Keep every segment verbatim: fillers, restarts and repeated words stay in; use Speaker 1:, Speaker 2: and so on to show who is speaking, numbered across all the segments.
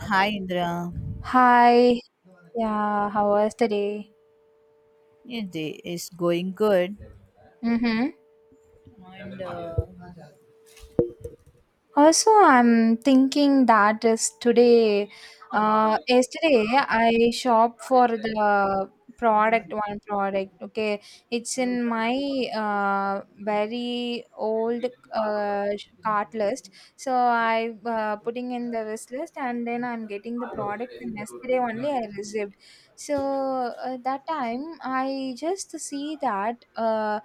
Speaker 1: Hi Indra,
Speaker 2: Hi, yeah, how was the day?
Speaker 1: yeah, day is going good,
Speaker 2: Mm-hmm.
Speaker 1: and uh,
Speaker 2: Also, I'm thinking that is today. Uh, yesterday, I shopped for the product, one product. Okay, it's in my uh, very old uh, sh- cart list. So I uh, putting in the wish list, and then I'm getting the product. And yesterday only I received. So uh, that time I just see that uh,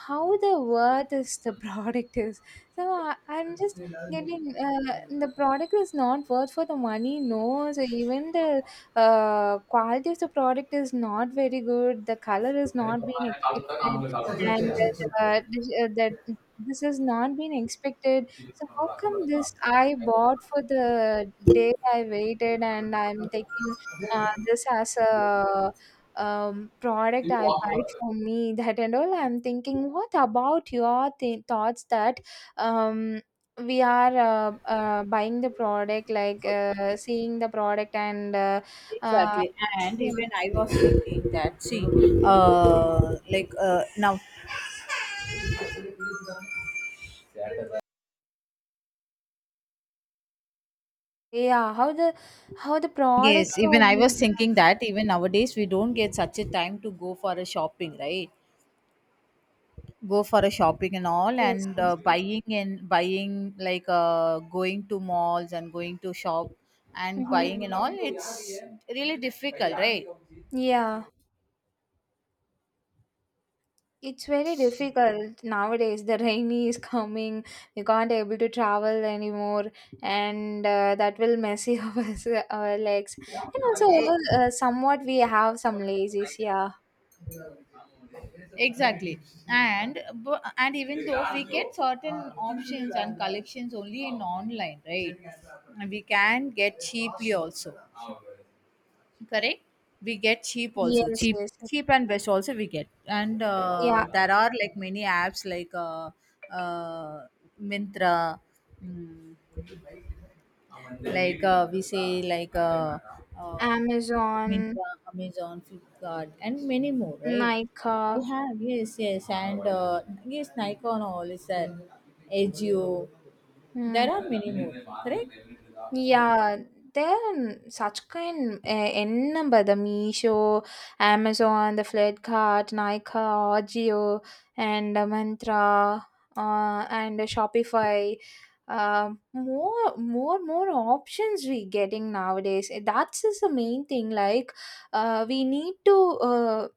Speaker 2: how the worth is the product is. So I, I'm just getting uh, the product is not worth for the money, no. So even the uh, quality of the product is not very good, the color is not being expected, and uh, this, uh, that this has not been expected. So how come this I bought? For the day I waited, and I'm taking uh, this as a um, product I buy for me, that and all. I'm thinking, what about your th- thoughts that um we are uh, uh, buying the product, like uh, seeing the product and uh, uh,
Speaker 1: exactly. And
Speaker 2: yeah,
Speaker 1: even I was thinking that. See, uh, like uh, now,
Speaker 2: yeah, how the how the products
Speaker 1: yes, even
Speaker 2: are
Speaker 1: I was
Speaker 2: being.
Speaker 1: thinking that even nowadays we don't get such a time to go for a shopping, right? Go for a shopping and all,
Speaker 2: Yes,
Speaker 1: and
Speaker 2: yes.
Speaker 1: uh, buying and buying like uh, going to malls and going to shop and
Speaker 2: Hmm.
Speaker 1: buying and all. It's really difficult, right?
Speaker 2: Yeah, it's very difficult nowadays. The rainy is coming. We can't able to travel anymore, and uh, that will messy up us, our legs. And also,
Speaker 1: Eh,
Speaker 2: uh, somewhat we have some lazies. Yeah.
Speaker 1: Exactly, and bu- and even though we get certain options and collections only in online, right? We can get cheaply also, correct? We get cheap also,
Speaker 2: Yes.
Speaker 1: cheap,
Speaker 2: Yes.
Speaker 1: cheap and best also we get, and uh,
Speaker 2: Yeah.
Speaker 1: there are like many apps like uh, uh, Mintra, mm, like uh, we say like uh, um,
Speaker 2: Amazon,
Speaker 1: Myntra, Amazon, Flipkart, and many more, right?
Speaker 2: Nike.
Speaker 1: We have yes, yes, and uh, yes, Nikon all is there, Agio.
Speaker 2: Hmm.
Speaker 1: There are many more, correct?
Speaker 2: Yeah, there are such kind uh, n number: the Meesho, Amazon, the Flipkart, Nika, Ajio, and uh, Mantra, uh, and uh, Shopify. Uh, more, more, more options we getting nowadays. That's is the main thing. Like, uh, we need to. Uh,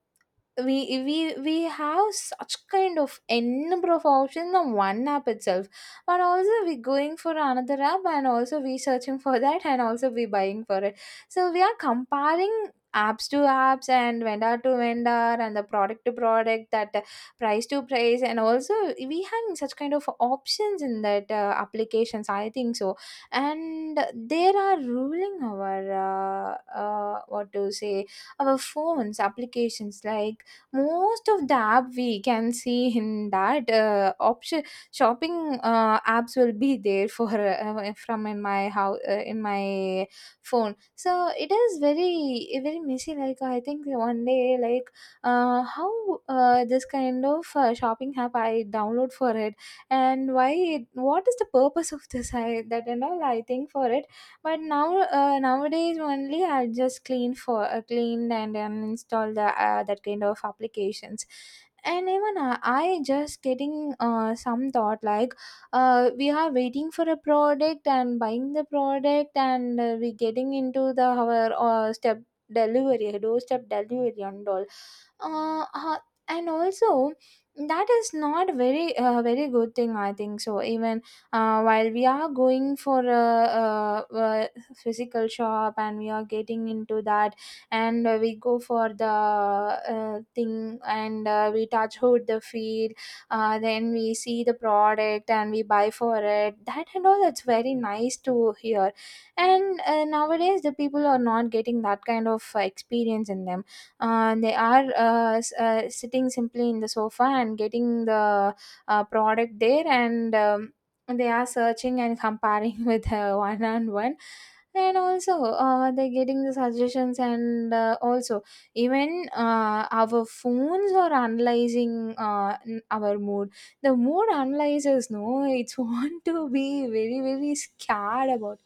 Speaker 2: we we we have such kind of n number of options on one app itself, but also we going for another app, and also we searching for that, and also we buying for it. So we are comparing apps to apps and vendor to vendor and the product to product, that uh, price to price. And also we having such kind of options in that uh, applications, I think so. And there are ruling our uh, uh, what to say, our phones applications, like most of the app we can see in that uh, option. Shopping uh, apps will be there for uh, uh, from in my how uh, in my phone. So it is very very messy. Like, I think one day, like uh, how uh, this kind of uh, shopping app I download for it, and why it, what is the purpose of this, I that and all I think for it. But now, uh, nowadays only I just clean for uh, cleaned and uninstall the uh, that kind of applications. And even I, I just getting uh, some thought, like uh, we are waiting for a product and buying the product, and uh, we getting into the our uh, step delivery, doorstep delivery and all. Uh, uh, and also that is not very uh, very good thing, I think. So even uh, while we are going for a, uh uh physical shop and we are getting into that, and uh, we go for the uh, thing, and uh, we touch hood, the feel, uh, then we see the product and we buy for it, that and all. That's very nice to hear. And uh, nowadays the people are not getting that kind of uh, experience in them. Uh, they are uh, s- uh, sitting simply in the sofa and getting the uh, product there. And um, they are searching and comparing with uh, one on one. And also uh, they're getting the suggestions, and uh, also, even uh, our phones are analyzing uh, n- our mood, the mood analyzers know, it's want to be very very scared about.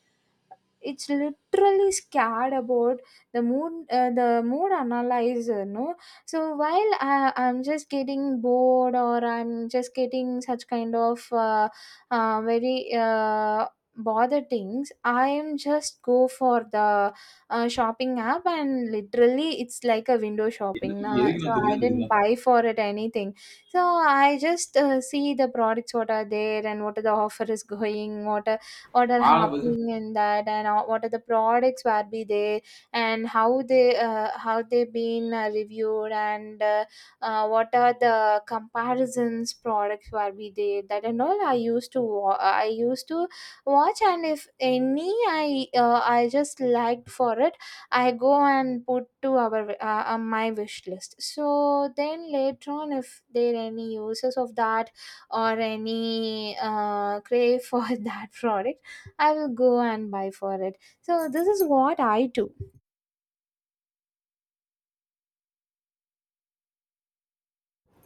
Speaker 2: It's literally scared about the mood, uh, the mood analyzer, no? So while I, i'm just getting bored or I'm just getting such kind of uh, uh, very uh, bother things, I am just go for the uh, shopping app, and literally it's like a window shopping. Uh, so I didn't buy for it anything. So I just uh, see the products, what are there and what are the offer is going, what are what are happening in that, and uh, what are the products where be there, and how they uh, how they been uh, reviewed, and uh, uh, what are the comparisons products where be there, that and all. I used to wa- I used to watch, and if any I uh, I just liked for it, I go and put to our uh, uh, my wish list. So then later on, if there any uses of that or any uh, crave for that product, I will go and buy for it. So this is what I do.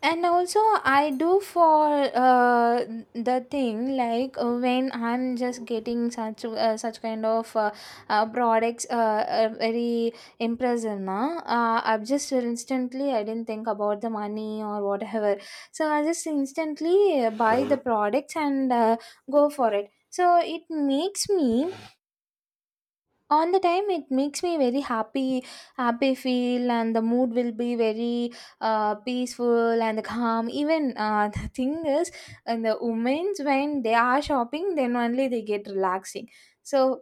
Speaker 2: And also I do for uh, the thing, like uh, when I'm just getting such uh, such kind of uh, uh, products uh, uh, very impressive, na. Uh, I've just instantly I didn't think about the money or whatever. So I just instantly uh, buy the products and uh, go for it. So it makes me, on the time it makes me very happy, happy feel, and the mood will be very uh, peaceful and calm, even uh, the thing is, and the women's when they are shopping, then only they get relaxing. So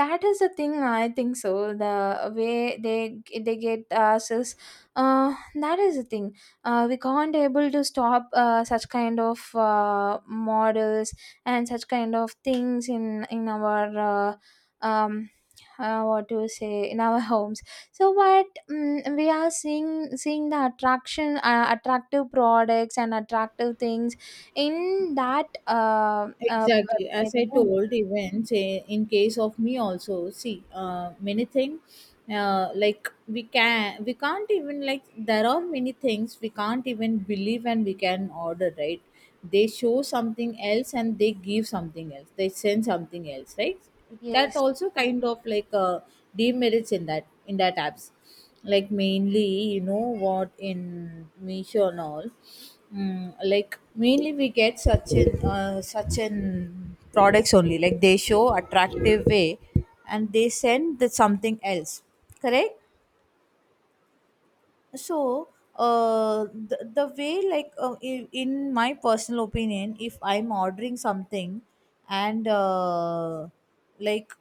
Speaker 2: that is the thing, I think. So the way they they get us is, uh that is the thing. Uh we can't able to stop uh, such kind of uh, models and such kind of things in in our uh, um uh, what to say, in our homes. So but mm we are seeing seeing the attraction, uh, attractive products and attractive things in that uh, uh
Speaker 1: Exactly. As
Speaker 2: website,
Speaker 1: I
Speaker 2: right?
Speaker 1: told, even say in case of me also, see, uh, many things, uh, like we can, we can't even like there are many things we can't even believe and we can order, right? They show something else and they give something else. They send something else, right? That
Speaker 2: Yes.
Speaker 1: also kind of like uh, demerits in that in that apps, like mainly you know what in Meesho and all. Mm, like mainly we get such an uh, such an products only. Like they show attractive way and they send the something else, correct? So uh the, the way like uh, in, in my personal opinion, if I'm ordering something, and uh like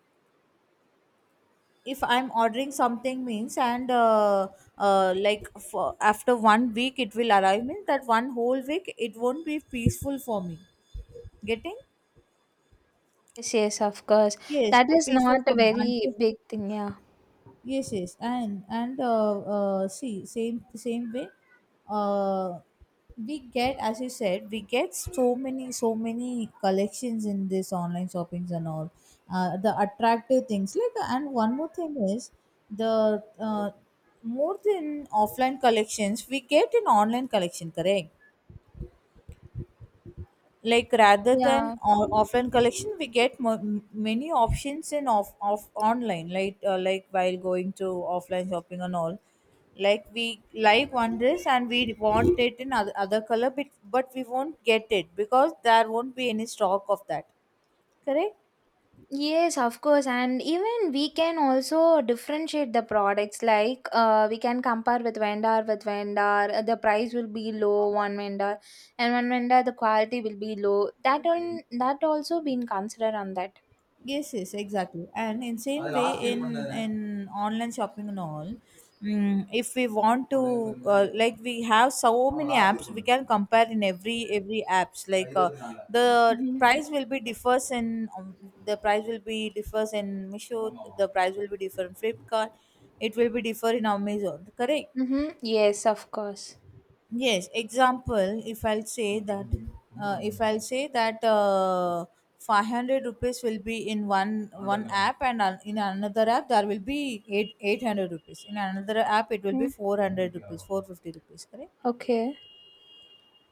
Speaker 1: if I'm ordering something means, and uh, uh, like for after one week it will arrive means that one whole week it won't be peaceful for me getting.
Speaker 2: Yes, yes, of course.
Speaker 1: Yes,
Speaker 2: That
Speaker 1: it
Speaker 2: is
Speaker 1: peaceful
Speaker 2: not
Speaker 1: for
Speaker 2: a
Speaker 1: me
Speaker 2: very
Speaker 1: until,
Speaker 2: big thing, yeah.
Speaker 1: yes, yes, and and uh, uh, see same same way, uh, we get as you said, we get so many so many collections in this online shoppings and all, uh, the attractive things, like and one more thing is the uh, more than offline collections we get in online collection, correct? Like rather than
Speaker 2: Yeah,
Speaker 1: o- offline collection, we get mo- m- many options in off, off online, like uh, like while going to offline shopping and all, like we like one dress and we want it in other, other color, but, but we won't get it because there won't be any stock of that, correct?
Speaker 2: yes, of course. And even we can also differentiate the products, like uh, we can compare with vendor with vendor. uh, The price will be low one vendor, and one vendor the quality will be low. That, on that also been considered on that.
Speaker 1: Yes, yes, exactly. And in same way in in online shopping and all, mm, if we want to uh, like we have so many apps, we can compare in every every apps. Like uh, the
Speaker 2: Mm-hmm.
Speaker 1: price will be differs in, um, the price will be differs in Misho, the price will be different Flipkart, it will be differ in Amazon. Correct.
Speaker 2: Mm-hmm. Yes, of course.
Speaker 1: Yes, example, if I'll say that, uh, if I'll say that uh, five hundred rupees will be in one one app and an- in another app there will be eight, eight hundred rupees. In another app it will be
Speaker 2: Mm.
Speaker 1: four hundred rupees, four fifty rupees, correct?
Speaker 2: Okay.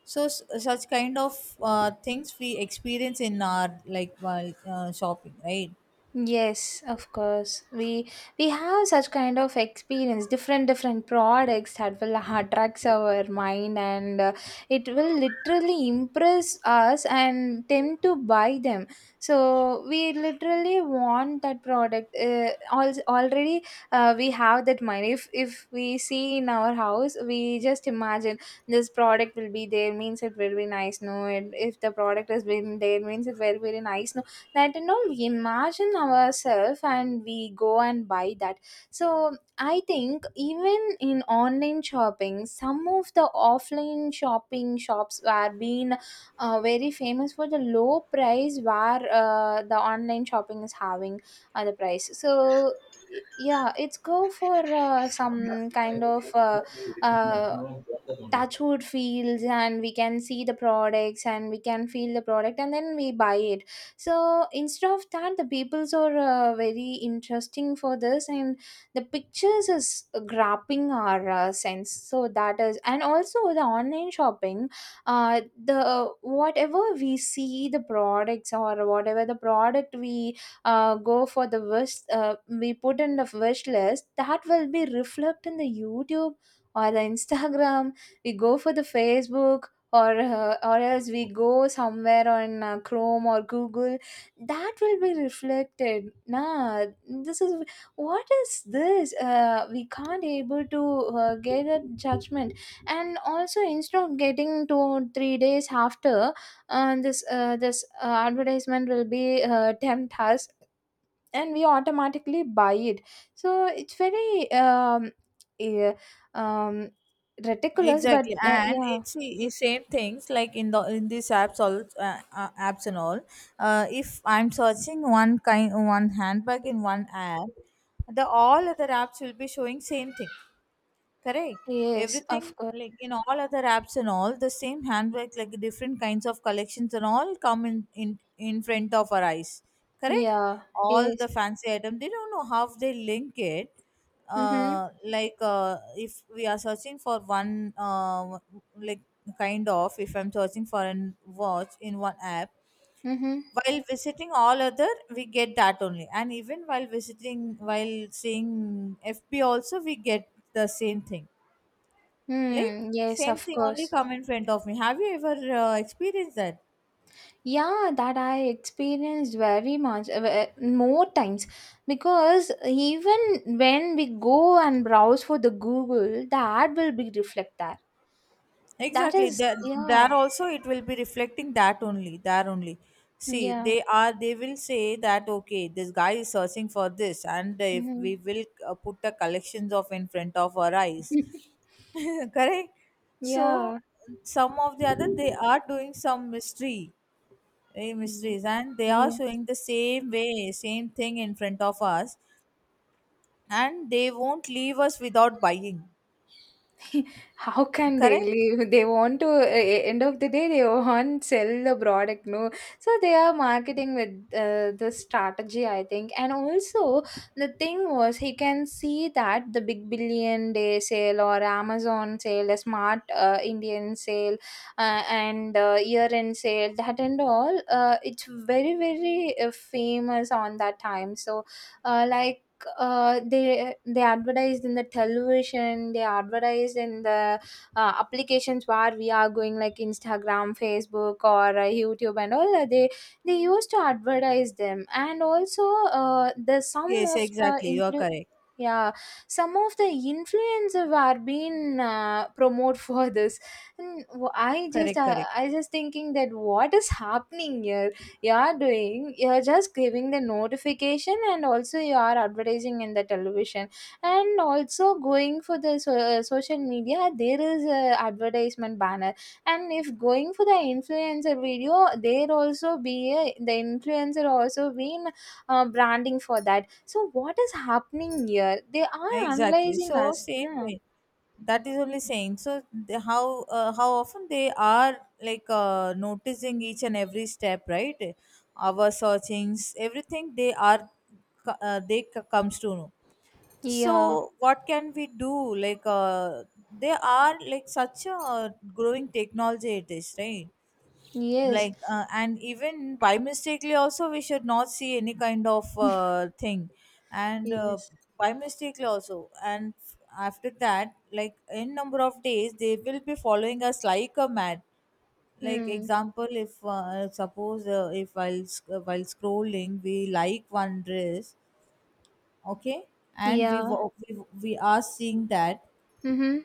Speaker 1: So s- such kind of uh, things we experience in our like while uh, shopping, right?
Speaker 2: Yes, of course. We we have such kind of experience, different different products that will attracts our mind, and uh, it will literally impress us and tempt to buy them. So we literally want that product. Uh, al- already, uh, we have that mind. If if we see in our house, we just imagine this product will be there. Means it will be nice. No, and if the product has been there, means it will be very nice, no? That, you know we imagine ourselves and we go and buy that. So I think, even in online shopping, some of the offline shopping shops were being uh, very famous for the low price, where uh, the online shopping is having uh, the price. So y- yeah, it's go for uh, some kind of uh, uh, touch wood feels, and we can see the products and we can feel the product and then we buy it. So instead of that, the peoples are uh, very interesting for this, and the pictures is grabbing our uh, sense. So that is. And also the online shopping, uh, the whatever we see the products, or whatever the product we uh, go for the wish uh, we put in the wish list, that will be reflected in the YouTube or the Instagram. We go for the Facebook, or uh, or else we go somewhere on uh, Chrome or Google, that will be reflected, nah. This is, what is this, uh, we can't able to uh, get a judgment. And also, instead of getting two or three days after, uh, this uh, this uh, advertisement will be uh, tempt us, and we automatically buy it. So it's very um eh, um ridiculous, but
Speaker 1: Exactly,
Speaker 2: uh,
Speaker 1: and
Speaker 2: yeah.
Speaker 1: it's the same things like in the in these apps all uh, uh, apps and all. Uh, if I'm searching one kind one handbag in one app, the all other apps will be showing same thing. Correct.
Speaker 2: Yes,
Speaker 1: Everything
Speaker 2: of course.
Speaker 1: like in all other apps and all the same handbag like different kinds of collections and all come in in in front of our eyes. Correct.
Speaker 2: Yeah.
Speaker 1: All
Speaker 2: Yes.
Speaker 1: the fancy item they don't know how they link it.
Speaker 2: Mm-hmm.
Speaker 1: Uh, like uh, if we are searching for one uh, like kind of if I'm searching for an watch in one app,
Speaker 2: Mm-hmm.
Speaker 1: while visiting all other we get that only, and even while visiting while seeing fb also we get the same thing, like
Speaker 2: Mm, yes
Speaker 1: same
Speaker 2: of
Speaker 1: thing only
Speaker 2: course.
Speaker 1: come in front of me. Have you ever uh, experienced that?
Speaker 2: Yeah, that I experienced very much, uh, uh, more times. Because even when we go and browse for the Google, the ad will be reflect that. That
Speaker 1: Exactly,
Speaker 2: is,
Speaker 1: there there
Speaker 2: yeah,
Speaker 1: also it will be reflecting that only, there only. See
Speaker 2: yeah.
Speaker 1: they are, they will say that okay, this guy is searching for this, and if
Speaker 2: Mm-hmm.
Speaker 1: we will uh, put the collections of in front of our eyes. Correct. So
Speaker 2: Yeah.
Speaker 1: some of the other, they are doing some mystery, eh,
Speaker 2: Mm,
Speaker 1: mysteries, and they are
Speaker 2: yeah.
Speaker 1: showing the same way same thing in front of us, and they won't leave us without buying.
Speaker 2: How can they
Speaker 1: Correct.
Speaker 2: leave? They want to, uh, end of the day, they want sell the product, no? So they are marketing with uh, the strategy, I think. And also, the thing was, he can see that the Big Billion Day sale or Amazon sale, the Smart uh, Indian sale, uh, and uh, year end sale, that and all, uh, it's very, very uh, famous on that time. So, uh, like, uh, they they advertised in the television, they advertised in the uh, applications where we are going, like Instagram, Facebook, or uh, YouTube and all. uh, they they used to advertise them. And also, uh, the some
Speaker 1: Yes,
Speaker 2: of the
Speaker 1: exactly, you are
Speaker 2: impl-
Speaker 1: correct.
Speaker 2: yeah, some of the influencer were being uh, promote for this. And w- i just
Speaker 1: Correct,
Speaker 2: uh,
Speaker 1: correct.
Speaker 2: i just thinking that what is happening here. You are doing, you're just giving the notification, and also you are advertising in the television, and also going for the so, uh, social media, there is a advertisement banner. And if going for the influencer video, there also be a, the influencer also been uh, branding for that. So what is happening here, they are
Speaker 1: Exactly.
Speaker 2: analyzing
Speaker 1: So
Speaker 2: us,
Speaker 1: same
Speaker 2: nah?
Speaker 1: way. That is only saying. So the, how uh, how often they are like uh, noticing each and every step, right? Our searchings, everything they are co- uh, they c- comes to know.
Speaker 2: Yeah,
Speaker 1: So what can we do? Like uh, they are like such a growing technology it is, right?
Speaker 2: yes,
Speaker 1: Like uh, and even by mistakenly also we should not see any kind of uh, thing, and uh,
Speaker 2: yes.
Speaker 1: by mistakenly also. And f- after that like in number of days they will be following us like a mad. Like
Speaker 2: Hmm.
Speaker 1: example, if uh, suppose uh, if while sc- uh, while scrolling we like one dress, okay, and we
Speaker 2: Yeah.
Speaker 1: wa- we, we are seeing that
Speaker 2: Mm-hmm.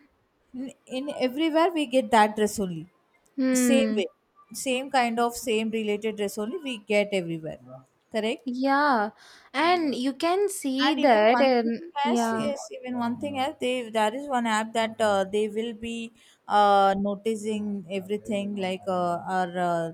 Speaker 1: in in everywhere we get that dress only, same
Speaker 2: Hmm.
Speaker 1: way same kind of same related dress only we get everywhere, correct?
Speaker 2: Yeah, and you can see
Speaker 1: And even
Speaker 2: that
Speaker 1: one thing
Speaker 2: in,
Speaker 1: else,
Speaker 2: yeah.
Speaker 1: yes, even one thing else, they, there is one app that uh, they will be uh, noticing everything like uh, our uh,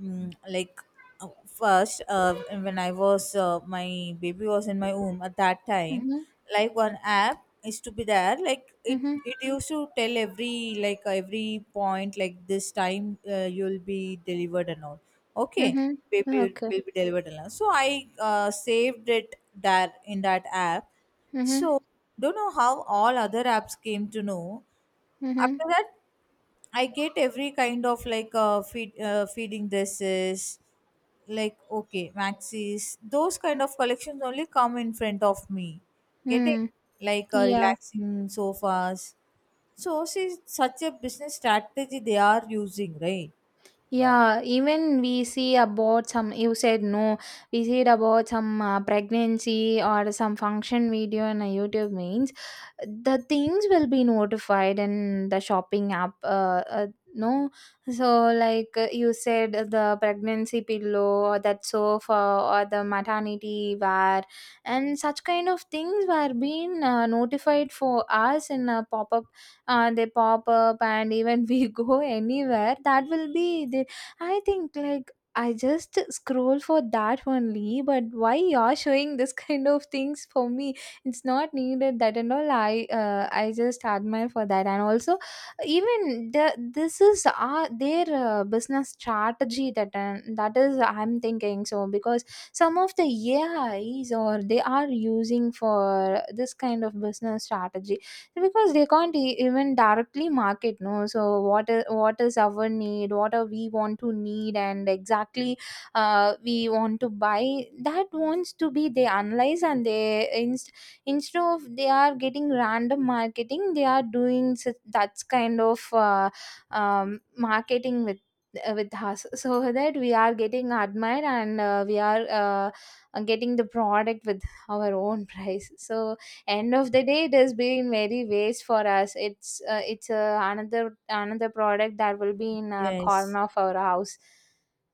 Speaker 1: mm, like uh, first uh, when I was uh, my baby was in my womb at that time,
Speaker 2: Mhm.
Speaker 1: like one app is to be there, like it
Speaker 2: Mhm.
Speaker 1: it used to tell every, like every point, like this time uh, you'll be delivered and all, okay,
Speaker 2: Mhm.
Speaker 1: baby will
Speaker 2: Okay.
Speaker 1: will be delivered and all. So I uh, saved it there in that app.
Speaker 2: Mhm.
Speaker 1: So don't know how all other apps came to know. After
Speaker 2: Mhm.
Speaker 1: that I get every kind of like uh, feed, uh, feeding dresses, like okay, maxis. Those kind of collections only come in front of me. Get it?
Speaker 2: Mm.
Speaker 1: Like uh,
Speaker 2: Yeah.
Speaker 1: relaxing sofas. So, see, such a business strategy they are using, right?
Speaker 2: Yeah, even we see about some, you said no, we see it about some uh, pregnancy or some function video in a YouTube means the things will be notified in the shopping app. Uh, uh, no, so like uh, you said, uh, the pregnancy pillow or that sofa or the maternity wear and such kind of things were being uh, notified for us in a pop up. Uh, they pop up, and even we go anywhere, that will be the, I think, like, I just scroll for that only, but why you're showing this kind of things for me? It's not needed that and all. I uh, i just admire for that, and also even the, this is uh, their uh, business strategy that uh, that is I'm thinking, so because some of the AIs or they are using for this kind of business strategy, because they can't e- even directly market, no. So what is, what is our need, what are we want to need, and exactly uh, we want to buy, that wants to be, they analyze. And they inst- instead of they are getting random marketing, they are doing such, that kind of uh, um, marketing with uh, with us, so that we are getting admired, and uh, we are uh, getting the product with our own price. So end of the day, it has been very waste for us. It's uh, it's uh, another another product that will be in a
Speaker 1: Yes.
Speaker 2: corner of our house.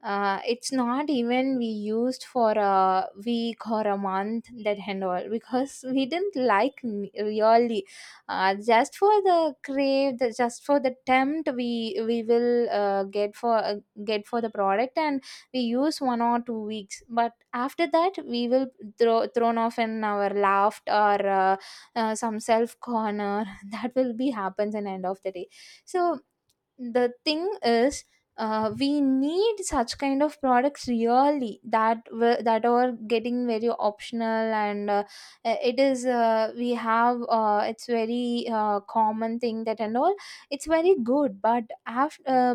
Speaker 2: uh, It's not even we used for a week or a month, that and all, because we didn't like n- really uh, just for the crave, the, just for the tempt, we we will uh, get for uh, get for the product, and we use one or two weeks. But after that, we will throw thrown off in our laughed, or uh, uh, some self corner, that will be happens in end of the day. So the thing is, uh, we need such kind of products really, that were- that are getting very optional, and uh, it is uh, we have, uh, it's very uh, common thing, that and all. It's very good, but after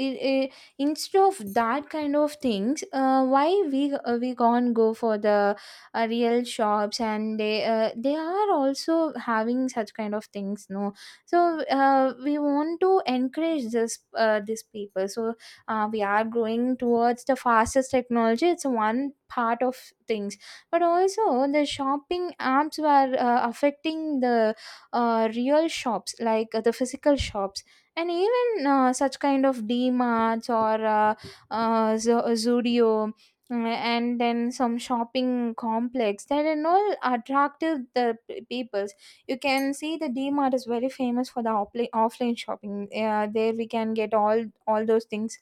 Speaker 2: i- i- instead of that kind of things, uh, why we uh, we can't go for the uh, real shops? And they uh, they are also having such kind of things, no. So uh, we want to encourage this, uh, these people. So uh, we are growing towards the fastest technology, it's one part of things. But also, the shopping apps were uh, affecting the uh, real shops, like uh, the physical shops, and even uh, such kind of demarts or uh, uh, zo- Zudio, mm, and then some shopping complex, that are all attractive the p- peoples. You can see the Dmart is very famous for the offline offline shopping. Uh, there we can get all all those things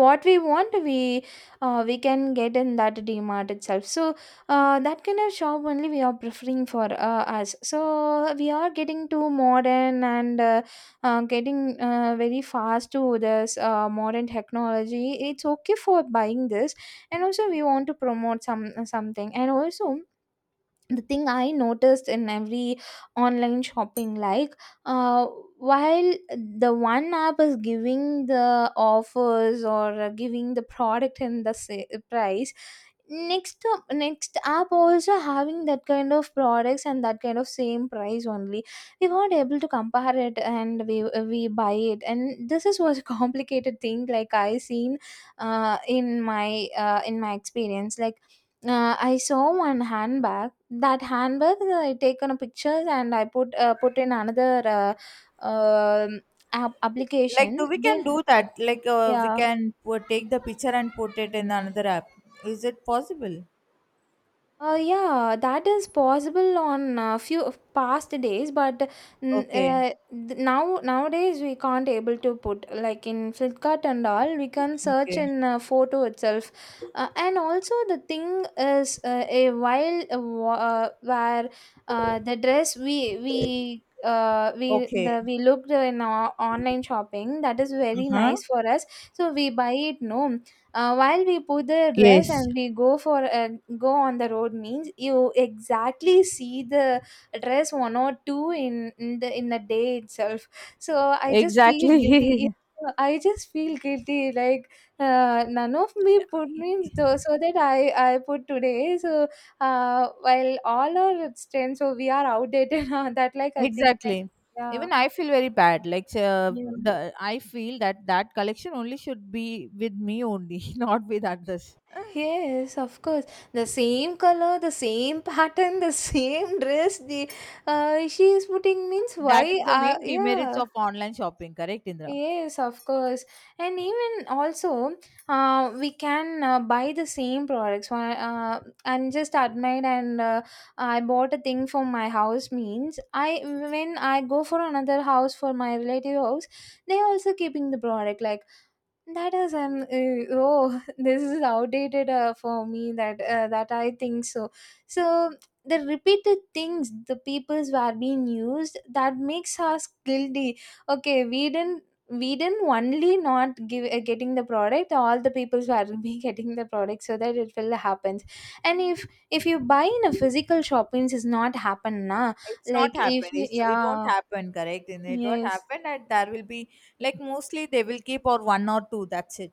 Speaker 2: what we want. We uh, we can get in that Dmart itself. So uh, that kind of shop only we are preferring for uh, us, so we are getting too modern, and uh, uh, getting uh, very fast to this uh, modern technology. It's okay for buying this, and also we want to promote some something. And also, the thing I noticed in every online shopping, like, uh, while the one app is giving the offers, or uh, giving the product and the sa- price, next up- next app also having that kind of products and that kind of same price only. We weren't able to compare it, and we we buy it. And this is was a complicated thing, like I seen uh, in my uh, in my experience. Like uh, I saw one handbag, that handbag, uh, I taken a pictures, and I put uh, put in another uh, um app
Speaker 1: Like, do
Speaker 2: application.
Speaker 1: we
Speaker 2: They
Speaker 1: can do that? Like, uh, we
Speaker 2: yeah.
Speaker 1: can put, take the picture and put it in another app. Is it possible?
Speaker 2: Uh, yeah, that is possible on a few of past days, but mm,
Speaker 1: Okay.
Speaker 2: uh, th- now nowadays we can't able to put like in Flipkart and all. We can search
Speaker 1: Okay.
Speaker 2: in uh, photo itself, uh, and also the thing is uh, a while uh, wa- uh, where uh, the dress we we. Uh, we
Speaker 1: Okay.
Speaker 2: the we looked in our online shopping, that is
Speaker 1: Uh
Speaker 2: very
Speaker 1: huh.
Speaker 2: nice for us, so we buy it, no. Uh, while we put the dress,
Speaker 1: Yes.
Speaker 2: and we go for uh, go on the road means, you exactly see the dress one or two in, in the in the day itself. So I just feel guilty.
Speaker 1: Exactly.
Speaker 2: I just feel guilty. Like, uh, none of me put means though, so that I I put today. So uh, while all our strengths, so we are outdated on that, like I think, that,
Speaker 1: Exactly,
Speaker 2: yeah,
Speaker 1: even I feel very bad, like uh,
Speaker 2: yeah.
Speaker 1: the I feel that that collection only should be with me only, not with others.
Speaker 2: Yes, of course. The same color, the same pattern, the same dress. The uh, she is putting means
Speaker 1: That
Speaker 2: why?
Speaker 1: is the
Speaker 2: Uh,
Speaker 1: main demerits
Speaker 2: yeah.
Speaker 1: of online shopping, correct, Indra?
Speaker 2: Yes, of course. And even also, uh, we can uh, buy the same products. Why- Uh, I'm just admired, and uh, I bought a thing for my house. Means I, when I go for another house for my relative house, they also keeping the product like that is an uh, oh, this is outdated uh, for me, that uh, that I think so. So the repeated things, the peoples were being used, that makes us guilty. Okay, we didn't we didn't only not give uh, getting the product. All the peoples were be getting the product, so that it will happen. And if if you buy in a physical shopping, is not happen, na.
Speaker 1: It's not
Speaker 2: Like if
Speaker 1: happened,
Speaker 2: you,
Speaker 1: it's, it won't
Speaker 2: yeah.
Speaker 1: happen, correct Indra? It won't
Speaker 2: Yes.
Speaker 1: happen, and there will be like mostly they will keep or one or two, that's it.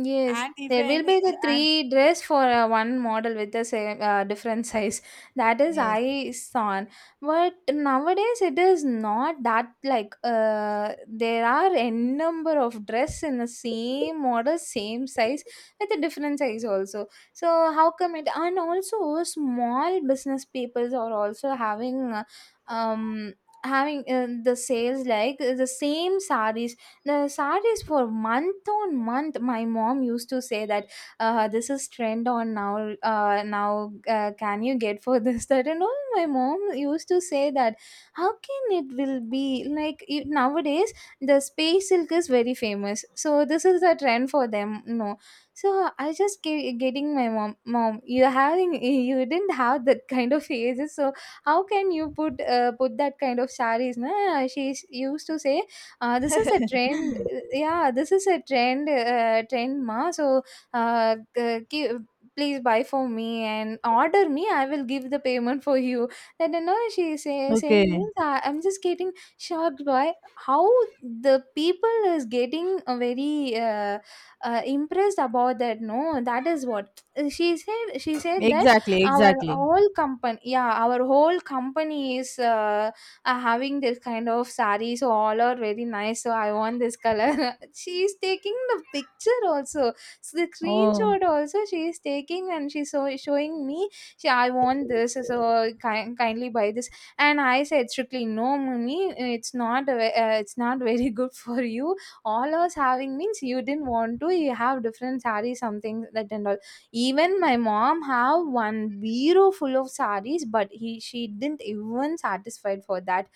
Speaker 2: Yes,
Speaker 1: And
Speaker 2: there will
Speaker 1: even,
Speaker 2: be
Speaker 1: eh,
Speaker 2: the
Speaker 1: and
Speaker 2: three dress for uh, one model with the same uh, different size. That is
Speaker 1: yes,
Speaker 2: I saw, but nowadays it is not that, like uh, there are n number of dress in the same model, same size, with a different size also. So how come it? And also small business peoples are also having uh, um having uh, the sales, like uh, the same sarees, the sarees for month on month. My mom used to say that, uh, this is trend on now. Uh, now uh, can you get for this, that and all? My mom used to say that, how can it will be like you, nowadays the space silk is very famous, so this is the trend for them, no. So i just ge- getting my mom, mom you're having, you didn't have that kind of ages, so how can you put uh, put that kind of sarees, nah? She used to say, uh, this is a trend. Uh, Yeah, this is a trend. Uh, trend, ma. So, uh, g- give, please buy for me and order me, I will give the payment for you. That, you know, she say saying
Speaker 1: okay,
Speaker 2: means, I, I'm just getting shocked by how the people is getting uh, very uh, uh, impressed about that. No, that is what she said. She said that
Speaker 1: exactly,
Speaker 2: our
Speaker 1: exactly,
Speaker 2: whole company, yeah, our whole company is. Uh, are having this kind of saree, so all are very nice. So I want this color. She is taking the picture also, so the
Speaker 1: oh,
Speaker 2: screenshot also she is taking, and she's so showing me. She, I want this, so ki- kindly buy this. And I said strictly no, mummy, it's not. A ve- Uh, it's not very good for you. All us having means, you didn't want to. You have different saree, something that and all. Even my mom have one bureau full of sarees, but he she didn't even satisfied for that.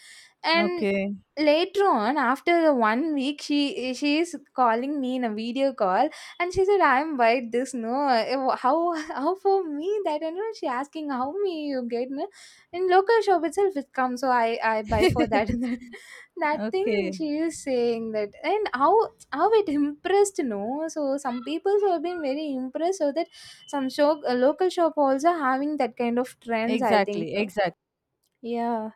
Speaker 2: And
Speaker 1: okay.
Speaker 2: later on, after the one week, she she is calling me in a video call, and she said, I'm white this no. Uh, how how for me, that you know, she asking, how me you get, no? In local shop itself it comes, so i i buy for that, and that, that thing
Speaker 1: Okay.
Speaker 2: she is saying. That, and how how it impressed, no? So some people have been very impressed, so that some shop, a local shop also having that kind of trends, I think
Speaker 1: Exactly,
Speaker 2: so.
Speaker 1: exactly,
Speaker 2: Yeah,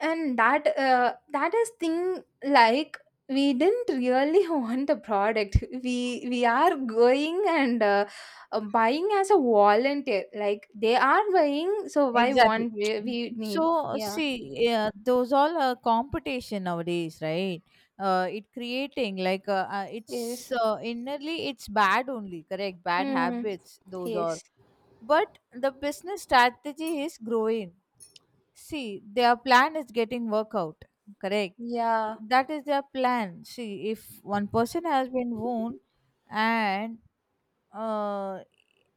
Speaker 2: and that uh, that is thing, like, we didn't really want the product, we we are going, and uh, uh, buying as a volunteer, like they are buying, so why
Speaker 1: exactly.
Speaker 2: want we, we need,
Speaker 1: So
Speaker 2: yeah.
Speaker 1: see, yeah, those all are competition nowadays, right? Uh, it creating like uh, uh, it's
Speaker 2: Yes.
Speaker 1: uh, innerly it's bad only, correct? Bad
Speaker 2: Mm.
Speaker 1: habits, those are.
Speaker 2: Yes.
Speaker 1: But the business strategy is growing. See, their plan is getting workout, correct?
Speaker 2: Yeah.
Speaker 1: That is their plan. See, if one person has been wound and uh,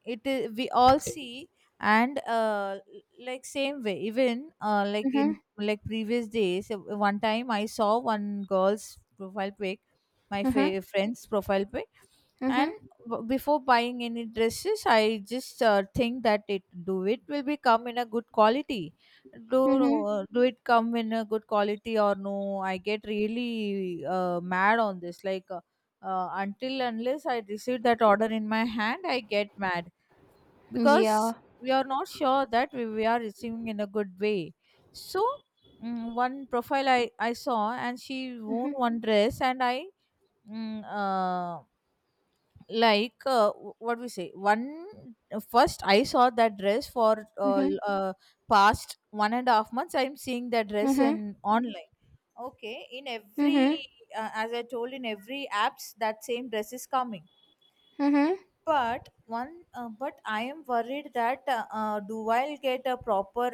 Speaker 1: it is we all see, and uh, l- like same way, even uh, like
Speaker 2: Mm-hmm.
Speaker 1: in, like previous days uh, one time I saw one girl's profile pic, my
Speaker 2: Mm-hmm.
Speaker 1: fa- friend's profile pic, and
Speaker 2: Mm-hmm.
Speaker 1: w- before buying any dresses I just uh, think that it, do it will be come in a good quality, do
Speaker 2: Mm-hmm.
Speaker 1: uh, do it come in a good quality or no. I get really uh, mad on this, like uh, uh, until unless I receive that order in my hand, I get mad
Speaker 2: Yeah.
Speaker 1: because we are not sure that we, we are receiving in a good way. So, mm, one profile I, I saw, and she
Speaker 2: Mm-hmm.
Speaker 1: won one dress, and I, mm, uh, like uh, w- what we say one, first I saw that dress for uh,
Speaker 2: Mm-hmm.
Speaker 1: l- uh, past one and a half months. I'm seeing that dress
Speaker 2: Mm-hmm.
Speaker 1: in online. Okay, in every
Speaker 2: Mm-hmm.
Speaker 1: uh, as I told in every apps that same dress is coming,
Speaker 2: Mm-hmm.
Speaker 1: but one uh, but I am worried that uh, uh, do I get a proper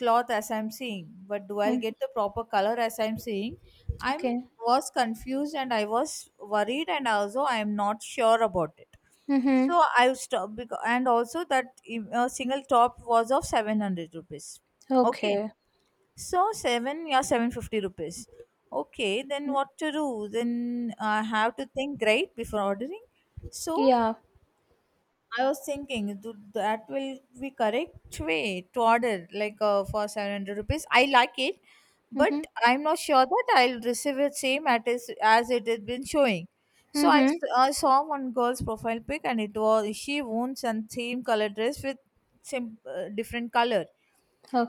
Speaker 1: cloth as I'm seeing, but do I
Speaker 2: Mm.
Speaker 1: get the proper color as I'm seeing. I'm
Speaker 2: Okay.
Speaker 1: was confused and I was worried and also I am not sure about it.
Speaker 2: Mm-hmm.
Speaker 1: So I stopped, because, and also that uh, single top was of seven hundred rupees, okay.
Speaker 2: Okay.
Speaker 1: So seven, yeah, seven fifty rupees, okay, then
Speaker 2: Mm.
Speaker 1: what to do, then I have to think, right, before ordering. So
Speaker 2: Yeah.
Speaker 1: I was thinking th- that will be correct way to order, like uh, for seven hundred rupees. I like it,
Speaker 2: Mm-hmm.
Speaker 1: but I'm not sure that I'll receive it same at is, as it has been showing. So I,
Speaker 2: Mm-hmm.
Speaker 1: s- I saw one girl's profile pic and it was she owns and same color dress with sim uh, different color.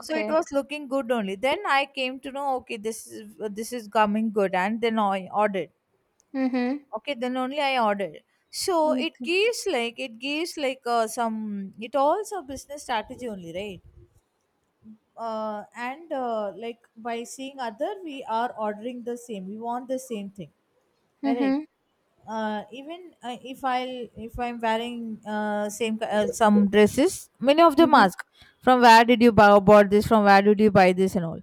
Speaker 1: So it was looking good only. Then I came to know okay, this is, this is coming good, and then I ordered.
Speaker 2: Mm-hmm.
Speaker 1: Okay, then only I ordered. So it
Speaker 2: Okay.
Speaker 1: gives like it gives like uh, some it also business strategy only, right? Uh, and uh, like by seeing other, we are ordering the same. We want the same thing, correct?
Speaker 2: Mm-hmm.
Speaker 1: Uh, even uh, if I if I'm wearing uh, same ki- uh, some dresses, many of them
Speaker 2: Mm-hmm.
Speaker 1: ask from where did you buy bought this? From where did you buy this and all?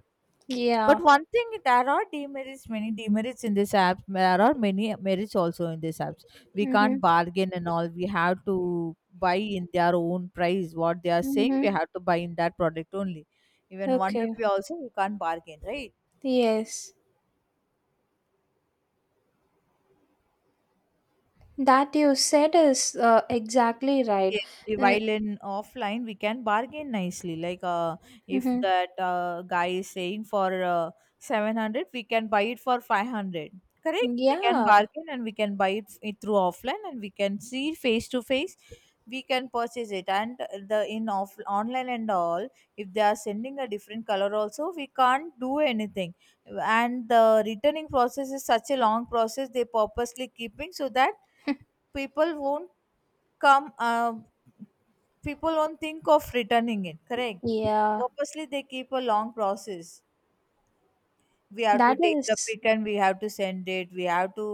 Speaker 1: But
Speaker 2: Yeah.
Speaker 1: one thing, there are demerits, many demerits in this apps. There are many merits also in this apps. We can't
Speaker 2: Mm-hmm.
Speaker 1: bargain and all. We have to buy in their own price. What they are saying, we
Speaker 2: Mm-hmm.
Speaker 1: have to buy in that product only. Even one
Speaker 2: Okay.
Speaker 1: rupee also, we can't bargain, right?
Speaker 2: Yes. That you said is uh, exactly right.
Speaker 1: Yes, i-
Speaker 2: Uh,
Speaker 1: while in offline, we can bargain nicely. Like, uh, if
Speaker 2: mm-hmm.
Speaker 1: that uh, guy is saying for uh, seven hundred, we can buy it for five hundred. Correct? We can
Speaker 2: Yeah.
Speaker 1: bargain and we can buy it, f- it through offline and we can see face to face. We can purchase it. And the in off online and all, if they are sending a different color also, we can't do anything. And the returning process is such a long process, they purposely keeping so that people won't come uh, people won't think of returning it, correct?
Speaker 2: Yeah.
Speaker 1: Purposely they keep a long process. We have to
Speaker 2: That
Speaker 1: take the
Speaker 2: is.
Speaker 1: pic and we have to send it. We have to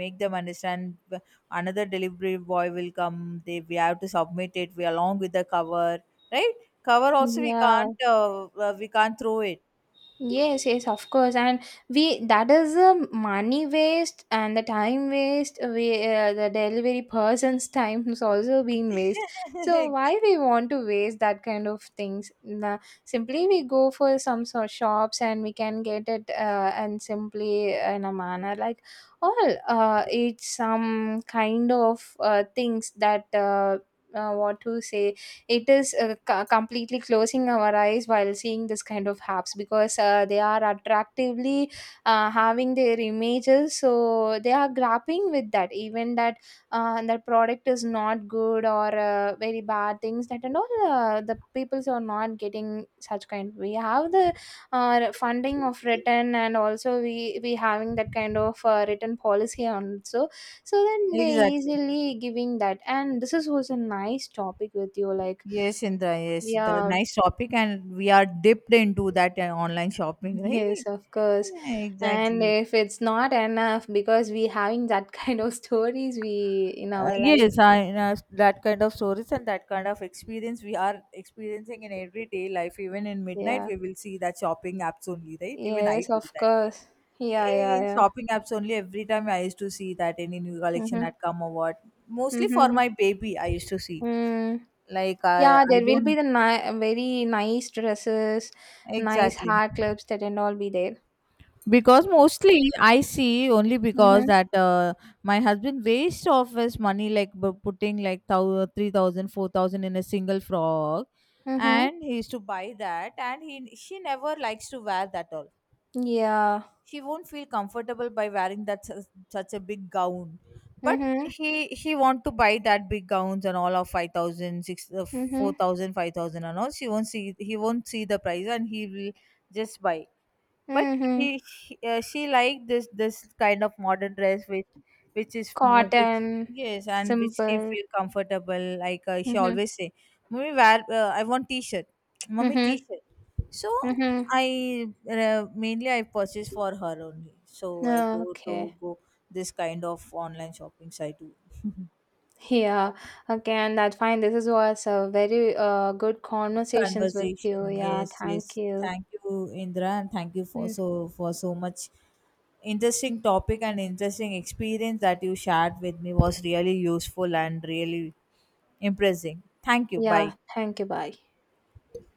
Speaker 1: make them understand. B- another delivery boy will come, they we have to submit it, we along with the cover, right? Cover also we
Speaker 2: Yeah.
Speaker 1: can't uh, uh, we can't throw it.
Speaker 2: Yes, yes, of course, and we that is the money waste and the time waste. We uh, The delivery person's time is also being waste. So why we want to waste that kind of things? Nah, simply we go for some sort shops and we can get it, uh, and simply in a manner, like all, uh, it's some kind of uh, things that uh, uh, what to say, it is uh, co- completely closing our eyes while seeing this kind of apps, because uh, they are attractively uh, having their images, so they are grappling with that, even that uh, that product is not good, or uh, very bad things, that and all, uh, the peoples are not getting such kind. We have the uh, funding of written, and also we we having that kind of uh, written policy also, so then they
Speaker 1: Exactly.
Speaker 2: easily giving that. And this is was a nice topic with you, like,
Speaker 1: Yes, Indra, yes, the
Speaker 2: yeah.
Speaker 1: nice topic, and we are dipped into that uh, online shopping, right?
Speaker 2: Yes, of course.
Speaker 1: Yeah,
Speaker 2: And
Speaker 1: exactly.
Speaker 2: if it's not enough, because we having that kind of stories we in
Speaker 1: Uh,
Speaker 2: our life.
Speaker 1: yes, I, uh, that kind of stories and that kind of experience we are experiencing in everyday life. Even in midnight,
Speaker 2: Yeah,
Speaker 1: we will see that shopping apps only, right? Even I
Speaker 2: yes,
Speaker 1: do
Speaker 2: of
Speaker 1: that.
Speaker 2: course. Yeah,
Speaker 1: Eh,
Speaker 2: yeah,
Speaker 1: In
Speaker 2: yeah.
Speaker 1: shopping apps only, every time I used to see that any new collection
Speaker 2: Mm-hmm.
Speaker 1: had come or what. Mostly for
Speaker 2: Mm-hmm.
Speaker 1: my baby, I used to see.
Speaker 2: Mm.
Speaker 1: Like, I,
Speaker 2: Yeah,
Speaker 1: I
Speaker 2: there will be
Speaker 1: don't
Speaker 2: the ni- very nice dresses, nice
Speaker 1: exactly.
Speaker 2: hair clips, that and all be there.
Speaker 1: Because mostly I see only
Speaker 2: Mm-hmm.
Speaker 1: because that uh, my husband waste of his money like bu- putting like thou- three thousand in a single frock,
Speaker 2: Mm-hmm.
Speaker 1: and he used to buy that, and he she never likes to wear that all.
Speaker 2: Yeah.
Speaker 1: She won't feel comfortable by wearing that such, such a big gown. But
Speaker 2: Mm-hmm.
Speaker 1: he he want to buy that big gowns and all of five thousand six 6 uh,
Speaker 2: Mm-hmm.
Speaker 1: four thousand, and all she won't see he won't see the price, and he will just buy. But
Speaker 2: Mm-hmm.
Speaker 1: he, he uh, she liked this this kind of modern dress which which is more, which,
Speaker 2: Cotton,
Speaker 1: yes, and which she
Speaker 2: simple.
Speaker 1: feel comfortable like uh, she
Speaker 2: Mhm.
Speaker 1: always say, "Mommy wear, uh, I want t-shirt." Mommy
Speaker 2: Mhm.
Speaker 1: t-shirt. So
Speaker 2: Mhm.
Speaker 1: I uh, mainly I purchase for her only, so I go to
Speaker 2: Okay.
Speaker 1: go this kind of online shopping site.
Speaker 2: Yeah. Okay, and that's fine. This is was a very uh good
Speaker 1: Good
Speaker 2: conversations with
Speaker 1: conversation.
Speaker 2: you. Yeah.
Speaker 1: Yes, yes.
Speaker 2: Thank you.
Speaker 1: Thank you, Indra, and thank you for
Speaker 2: Mm.
Speaker 1: so for so much interesting topic and interesting experience that you shared with me. Was really useful and really impressing. Thank you. Bye.
Speaker 2: Yeah. Thank you. Bye.